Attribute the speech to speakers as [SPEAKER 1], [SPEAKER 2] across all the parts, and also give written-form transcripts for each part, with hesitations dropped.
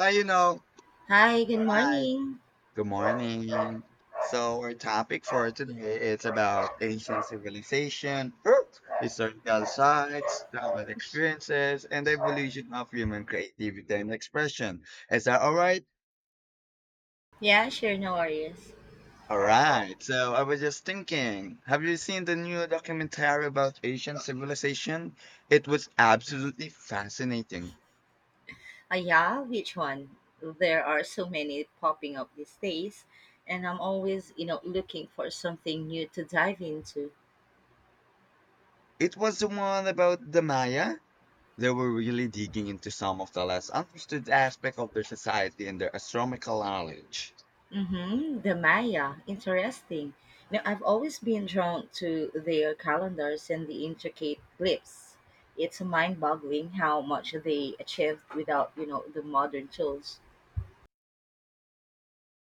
[SPEAKER 1] Uh, you know,
[SPEAKER 2] Hi, good
[SPEAKER 1] Hi,
[SPEAKER 2] morning.
[SPEAKER 1] good morning. So our topic for today is about ancient civilization, historical sites, travel experiences, and the evolution of human creativity and expression. Is that all right?
[SPEAKER 2] Yeah, sure, no worries.
[SPEAKER 1] All right. So I was just thinking, have you seen the new documentary about ancient civilization? It was absolutely fascinating.
[SPEAKER 2] Ah, yeah, which one? There are so many popping up these days, and I'm always, you know, looking for something new to dive into.
[SPEAKER 1] It was the one about the Maya? They were really digging into some of the less understood aspects of their society and their astronomical knowledge.
[SPEAKER 2] Mm-hmm, the Maya, interesting. Now, I've always been drawn to their calendars and the intricate grips. It's mind-boggling how much they achieved without, you know, the modern tools.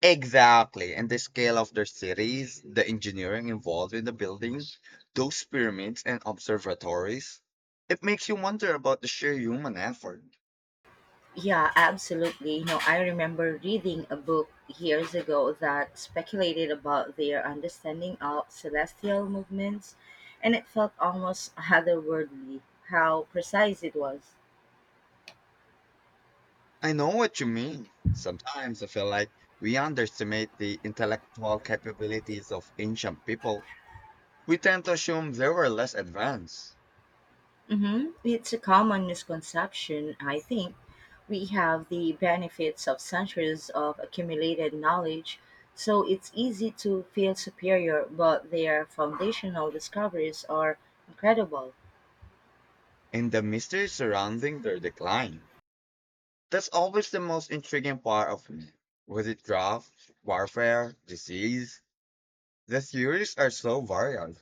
[SPEAKER 1] Exactly. And the scale of their cities, the engineering involved in the building, those pyramids and observatories. It makes you wonder about the sheer human effort.
[SPEAKER 2] Yeah, absolutely. You know, I remember reading a book years ago that speculated about their understanding of celestial movements, and it felt almost otherworldly how precise it was.
[SPEAKER 1] I know what you mean. Sometimes I feel like we underestimate the intellectual capabilities of ancient people. We tend to assume they were less advanced,
[SPEAKER 2] It's a common misconception, I think. We have the benefits of centuries of accumulated knowledge, so it's easy to feel superior, but their foundational discoveries are incredible.
[SPEAKER 1] and the mystery surrounding their decline. That's always the most intriguing part of me. Was it drought, warfare, disease? The theories are so varied.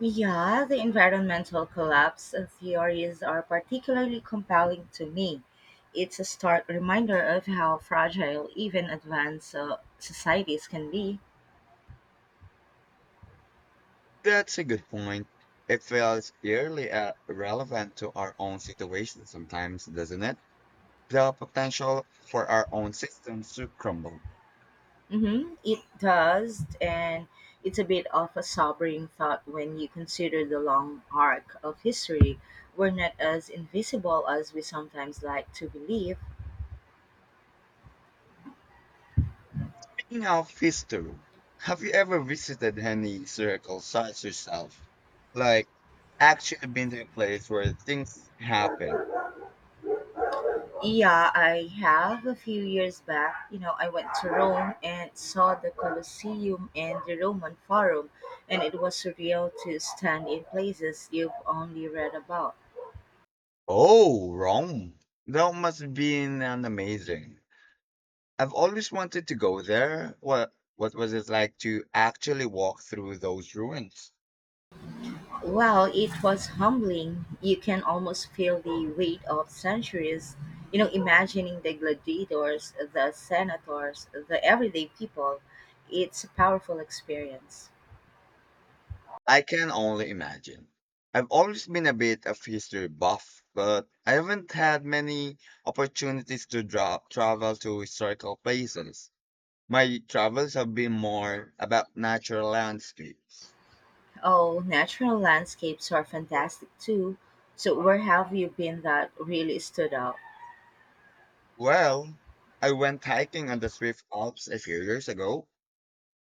[SPEAKER 2] Yeah, the environmental collapse theories are particularly compelling to me. It's a stark reminder of how fragile even advanced societies can be.
[SPEAKER 1] That's a good point. It feels eerily relevant to our own situation sometimes, doesn't it? The potential for our own systems to crumble.
[SPEAKER 2] It does, and it's a bit of a sobering thought when you consider the long arc of history. We're not as invisible as we sometimes like to believe.
[SPEAKER 1] Speaking of history, have you ever visited any historical sites yourself? Like, actually been to a place where things happen?
[SPEAKER 2] Yeah, I have a few years back. You know, I went to Rome and saw the Colosseum and the Roman Forum, and it was surreal to stand in places you've only read about.
[SPEAKER 1] Oh, Rome. That must have been an amazing. I've always wanted to go there. What was it like to actually walk through those ruins?
[SPEAKER 2] Well, it was humbling. You can almost feel the weight of centuries. You know, imagining the gladiators, the senators, the everyday people. It's a powerful experience.
[SPEAKER 1] I can only imagine. I've always been a bit of history buff, but I haven't had many opportunities to travel to historical places. My travels have been more about natural landscapes.
[SPEAKER 2] Oh, natural landscapes are fantastic too. So, where have you been that really stood out?
[SPEAKER 1] Well, I went hiking on the Swiss Alps a few years ago.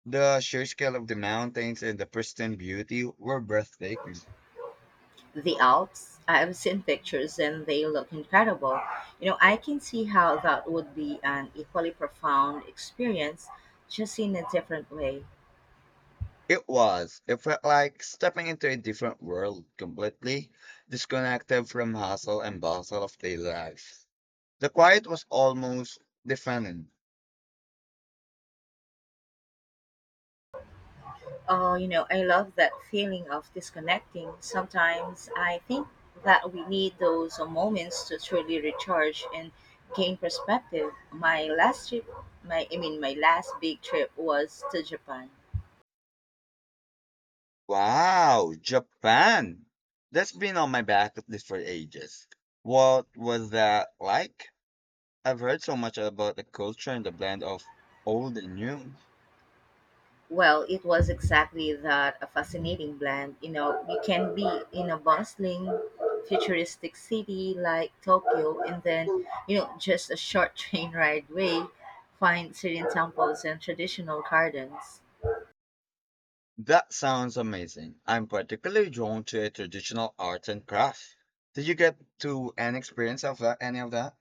[SPEAKER 1] The sheer scale of the mountains and the pristine beauty were breathtaking.
[SPEAKER 2] The Alps. I've seen pictures and they look incredible. You know, I can see how that would be an equally profound experience, just in a different way.
[SPEAKER 1] It was. It felt like stepping into a different world, completely disconnected from hustle and bustle of daily life. The quiet was almost deafening.
[SPEAKER 2] Oh, you know, I love that feeling of disconnecting. Sometimes I think that we need those moments to truly recharge and gain perspective. My last trip, my last big trip was to Japan.
[SPEAKER 1] Wow, Japan! That's been on my bucket list for ages. What was that like? I've heard so much about the culture and the blend of old and new.
[SPEAKER 2] Well, it was exactly that a fascinating blend. You know, you can be in a bustling, futuristic city like Tokyo, and then, you know, just a short train ride away, find serene temples and traditional gardens.
[SPEAKER 1] That sounds amazing. I'm particularly drawn to a traditional art and craft. Did you get to an experience of that, any of that?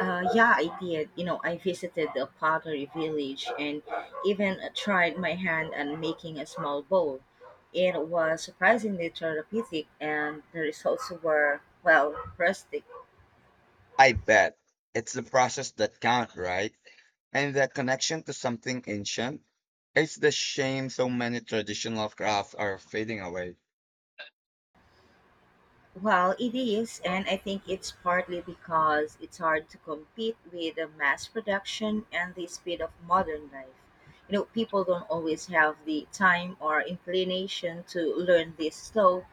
[SPEAKER 2] Yeah, I did. You know, I visited the pottery village and even tried my hand at making a small bowl. It was surprisingly therapeutic, and the results were, well, rustic.
[SPEAKER 1] I bet. It's the process that counts, right? And the connection to something ancient. It's the shame so many traditional crafts are fading away.
[SPEAKER 2] Well, it is, and I think it's partly because it's hard to compete with the mass production and the speed of modern life. You know, people don't always have the time or inclination to learn these slow,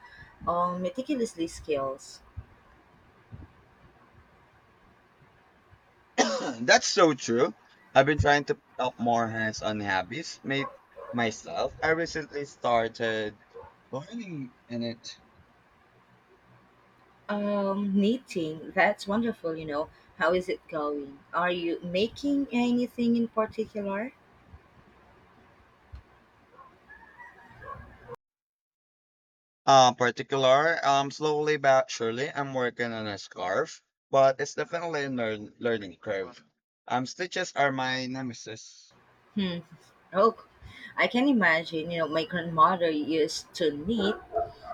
[SPEAKER 2] meticulously skills.
[SPEAKER 1] That's so true. I've been trying to pick up more hands-on hobbies made myself. I recently started learning in it.
[SPEAKER 2] Knitting, that's wonderful, you know. How is it going? Are you making anything in particular?
[SPEAKER 1] Slowly but surely, I'm working on a scarf, but it's definitely a learning curve. Stitches are my nemesis.
[SPEAKER 2] Hmm. Oh, I can imagine, you know, my grandmother used to knit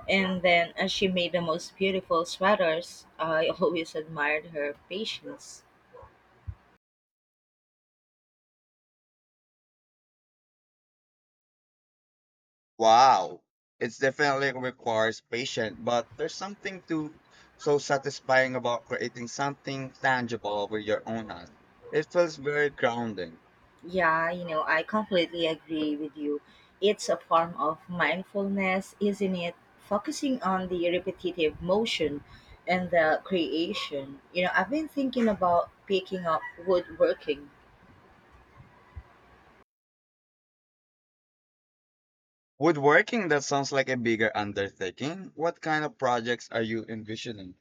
[SPEAKER 2] and then she made the most beautiful sweaters. I always admired her patience.
[SPEAKER 1] Wow, it's definitely requires patience, but there's something to so satisfying about creating something tangible with your own hand. It feels very grounding.
[SPEAKER 2] Yeah, you know, I completely agree with you. It's a form of mindfulness, isn't it? Focusing on the repetitive motion and the creation. You know, I've been thinking about picking up woodworking.
[SPEAKER 1] Woodworking, that sounds like a bigger undertaking. What kind of projects are you envisioning?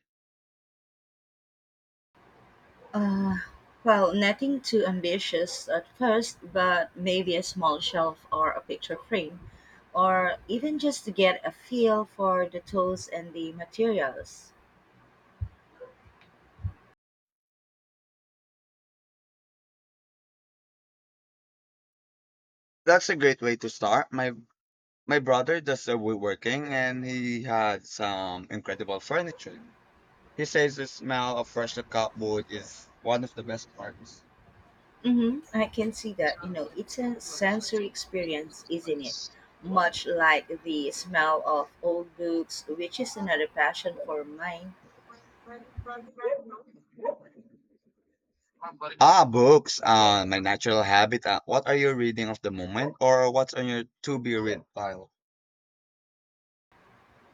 [SPEAKER 2] Uh, well, nothing too ambitious at first, but maybe a small shelf or a picture frame, or even just to get a feel for the tools and the materials.
[SPEAKER 1] That's a great way to start. My brother does the woodworking and he had some incredible furniture. He says the smell of freshly cut wood is one of the best parts.
[SPEAKER 2] Mm-hmm. I can see that. You know, it's a sensory experience, isn't it? Much like the smell of old books, which is another passion for mine.
[SPEAKER 1] Ah, books. My natural habitat. What are you reading of the moment, or what's on your to be read pile?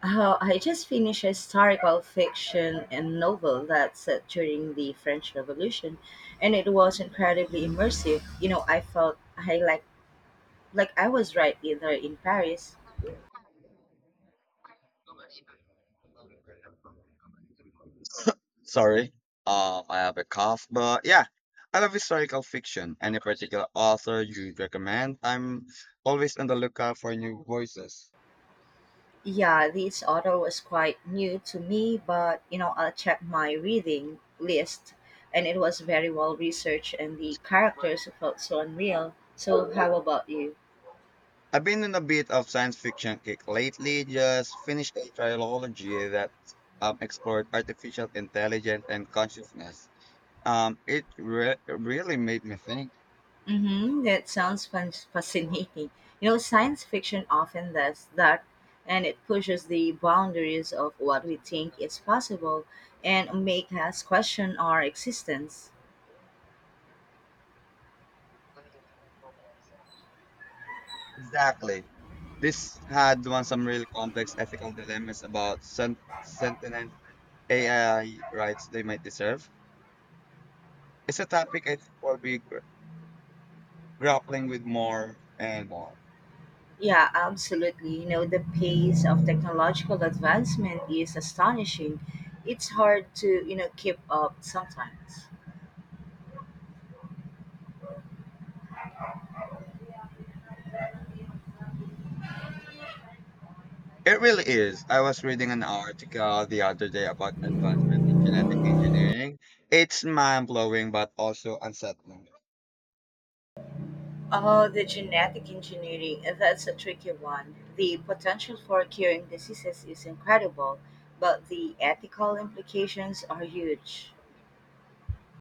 [SPEAKER 2] Oh, I just finished a historical fiction and novel that's set during the French Revolution, and it was incredibly immersive. You know, I felt I like I was right in there in Paris.
[SPEAKER 1] Sorry, I have a cough, but yeah, I love historical fiction. Any particular author you recommend? I'm always on the lookout for new voices.
[SPEAKER 2] Yeah, this author was quite new to me, but you know, I checked my reading list and it was very well researched and the characters felt so unreal. So, how about you?
[SPEAKER 1] I've been in a bit of science fiction kick lately. Just finished a trilogy that explored artificial intelligence and consciousness. Really made me think.
[SPEAKER 2] Mm-hmm, that sounds fascinating. You know, science fiction often does that and it pushes the boundaries of what we think is possible and make us question our existence.
[SPEAKER 1] Exactly. This had one some really complex ethical dilemmas about sentient AI rights they might deserve. It's a topic I think we'll be grappling with more and more.
[SPEAKER 2] Yeah, absolutely. You know, the pace of technological advancement is astonishing. It's hard to, you know, keep up sometimes.
[SPEAKER 1] It really is. I was reading an article the other day about advancement in genetic engineering. It's mind-blowing but also unsettling.
[SPEAKER 2] Oh, the genetic engineering, that's a tricky one. The potential for curing diseases is incredible, but the ethical implications are huge.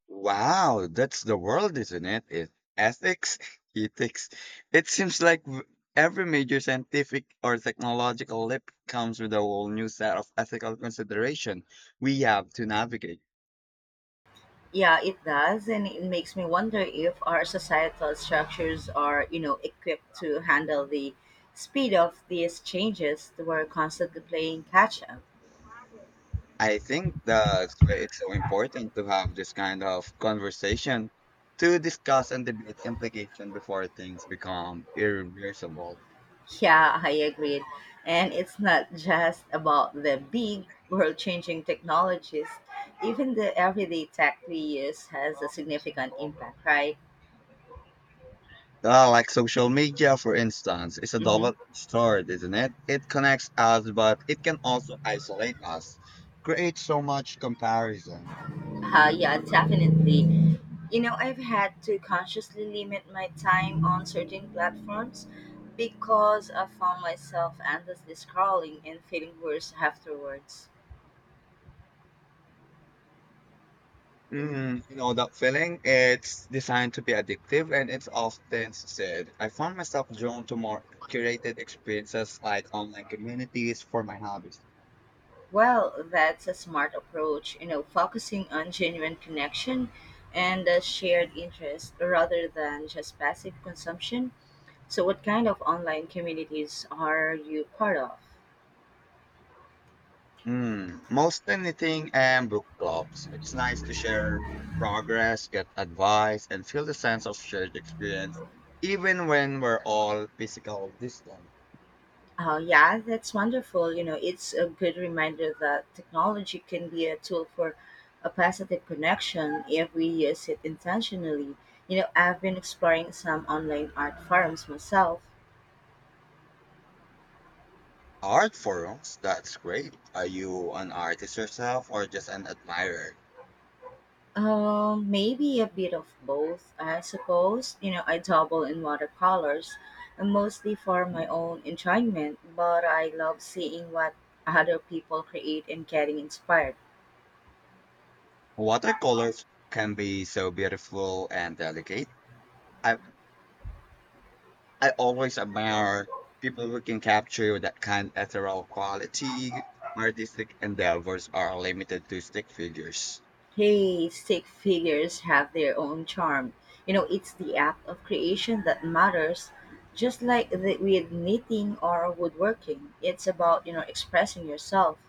[SPEAKER 1] Wow, that's the world, isn't it? It ethics, ethics. It seems like every major scientific or technological leap comes with a whole new set of ethical consideration we have to navigate.
[SPEAKER 2] Yeah, it does, and it makes me wonder if our societal structures are, you know, equipped to handle the speed of these changes. We're constantly playing catch up.
[SPEAKER 1] I think that's why it's so important to have this kind of conversation to discuss and debate implication before things become irreversible.
[SPEAKER 2] Yeah, I agreed, and it's not just about the big world changing technologies. Even the everyday tech we use has a significant impact, right?
[SPEAKER 1] Like social media, for instance, is a
[SPEAKER 2] Mm-hmm.
[SPEAKER 1] double-edged sword, isn't it? It connects us, but it can also isolate us, create so much comparison.
[SPEAKER 2] Yeah, definitely. You know, I've had to consciously limit my time on certain platforms because I found myself endlessly scrolling and feeling worse afterwards.
[SPEAKER 1] Mm, you know that feeling? It's designed to be addictive and it's often said. I found myself drawn to more curated experiences like online communities for my hobbies.
[SPEAKER 2] Well, that's a smart approach, you know, focusing on genuine connection and a shared interest rather than just passive consumption. So, what kind of online communities are you part of?
[SPEAKER 1] Mm, mostly knitting and book clubs. It's nice to share progress, get advice, and feel the sense of shared experience, even when we're all physical distant.
[SPEAKER 2] Oh, yeah, that's wonderful. You know, it's a good reminder that technology can be a tool for a positive connection if we use it intentionally. You know, I've been exploring some online art forums myself.
[SPEAKER 1] Art forums, that's great. Are you an artist yourself or just an admirer?
[SPEAKER 2] Maybe a bit of both, I suppose. You know, I dabble in watercolors, mostly for my own enjoyment, but I love seeing what other people create and getting inspired.
[SPEAKER 1] Watercolors can be so beautiful and delicate. I I always admire people who can capture that kind of ethereal quality. Artistic endeavors are limited to stick figures.
[SPEAKER 2] Hey, stick figures have their own charm. You know, it's the act of creation that matters, just like the, with knitting or woodworking. It's about, you know, expressing yourself.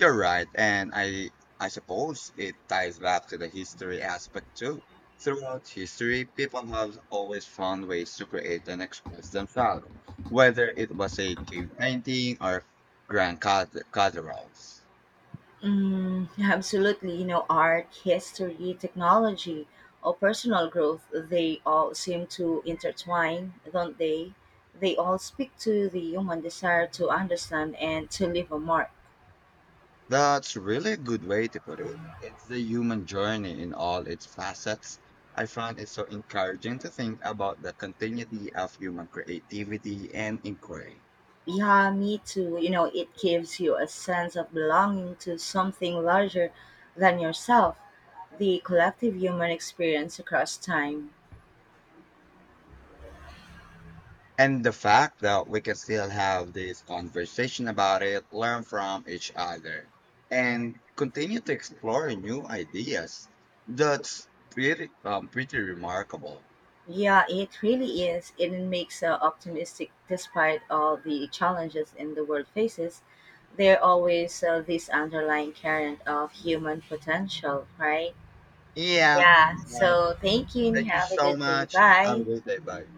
[SPEAKER 1] You're right, and I suppose it ties back to the history aspect too. Throughout history, people have always found ways to create and express themselves, whether it was a cave painting or grand cathedrals.
[SPEAKER 2] Mm, absolutely. You know, art, history, technology, or personal growth, they all seem to intertwine, don't they? They all speak to the human desire to understand and to leave a mark.
[SPEAKER 1] That's really a good way to put it. It's the human journey in all its facets. I find it so encouraging to think about the continuity of human creativity and inquiry.
[SPEAKER 2] Yeah, me too. You know, it gives you a sense of belonging to something larger than yourself, the collective human experience across time.
[SPEAKER 1] And the fact that we can still have this conversation about it, learn from each other, and continue to explore new ideas. That's pretty, pretty remarkable.
[SPEAKER 2] Yeah, it really is. It makes us optimistic despite all the challenges in the world faces. There always this underlying current of human potential, right?
[SPEAKER 1] Yeah,
[SPEAKER 2] Yeah.
[SPEAKER 1] right.
[SPEAKER 2] So thank you and
[SPEAKER 1] Thank you
[SPEAKER 2] have a
[SPEAKER 1] so
[SPEAKER 2] good day.
[SPEAKER 1] much. Have a
[SPEAKER 2] Bye.
[SPEAKER 1] great day. Bye.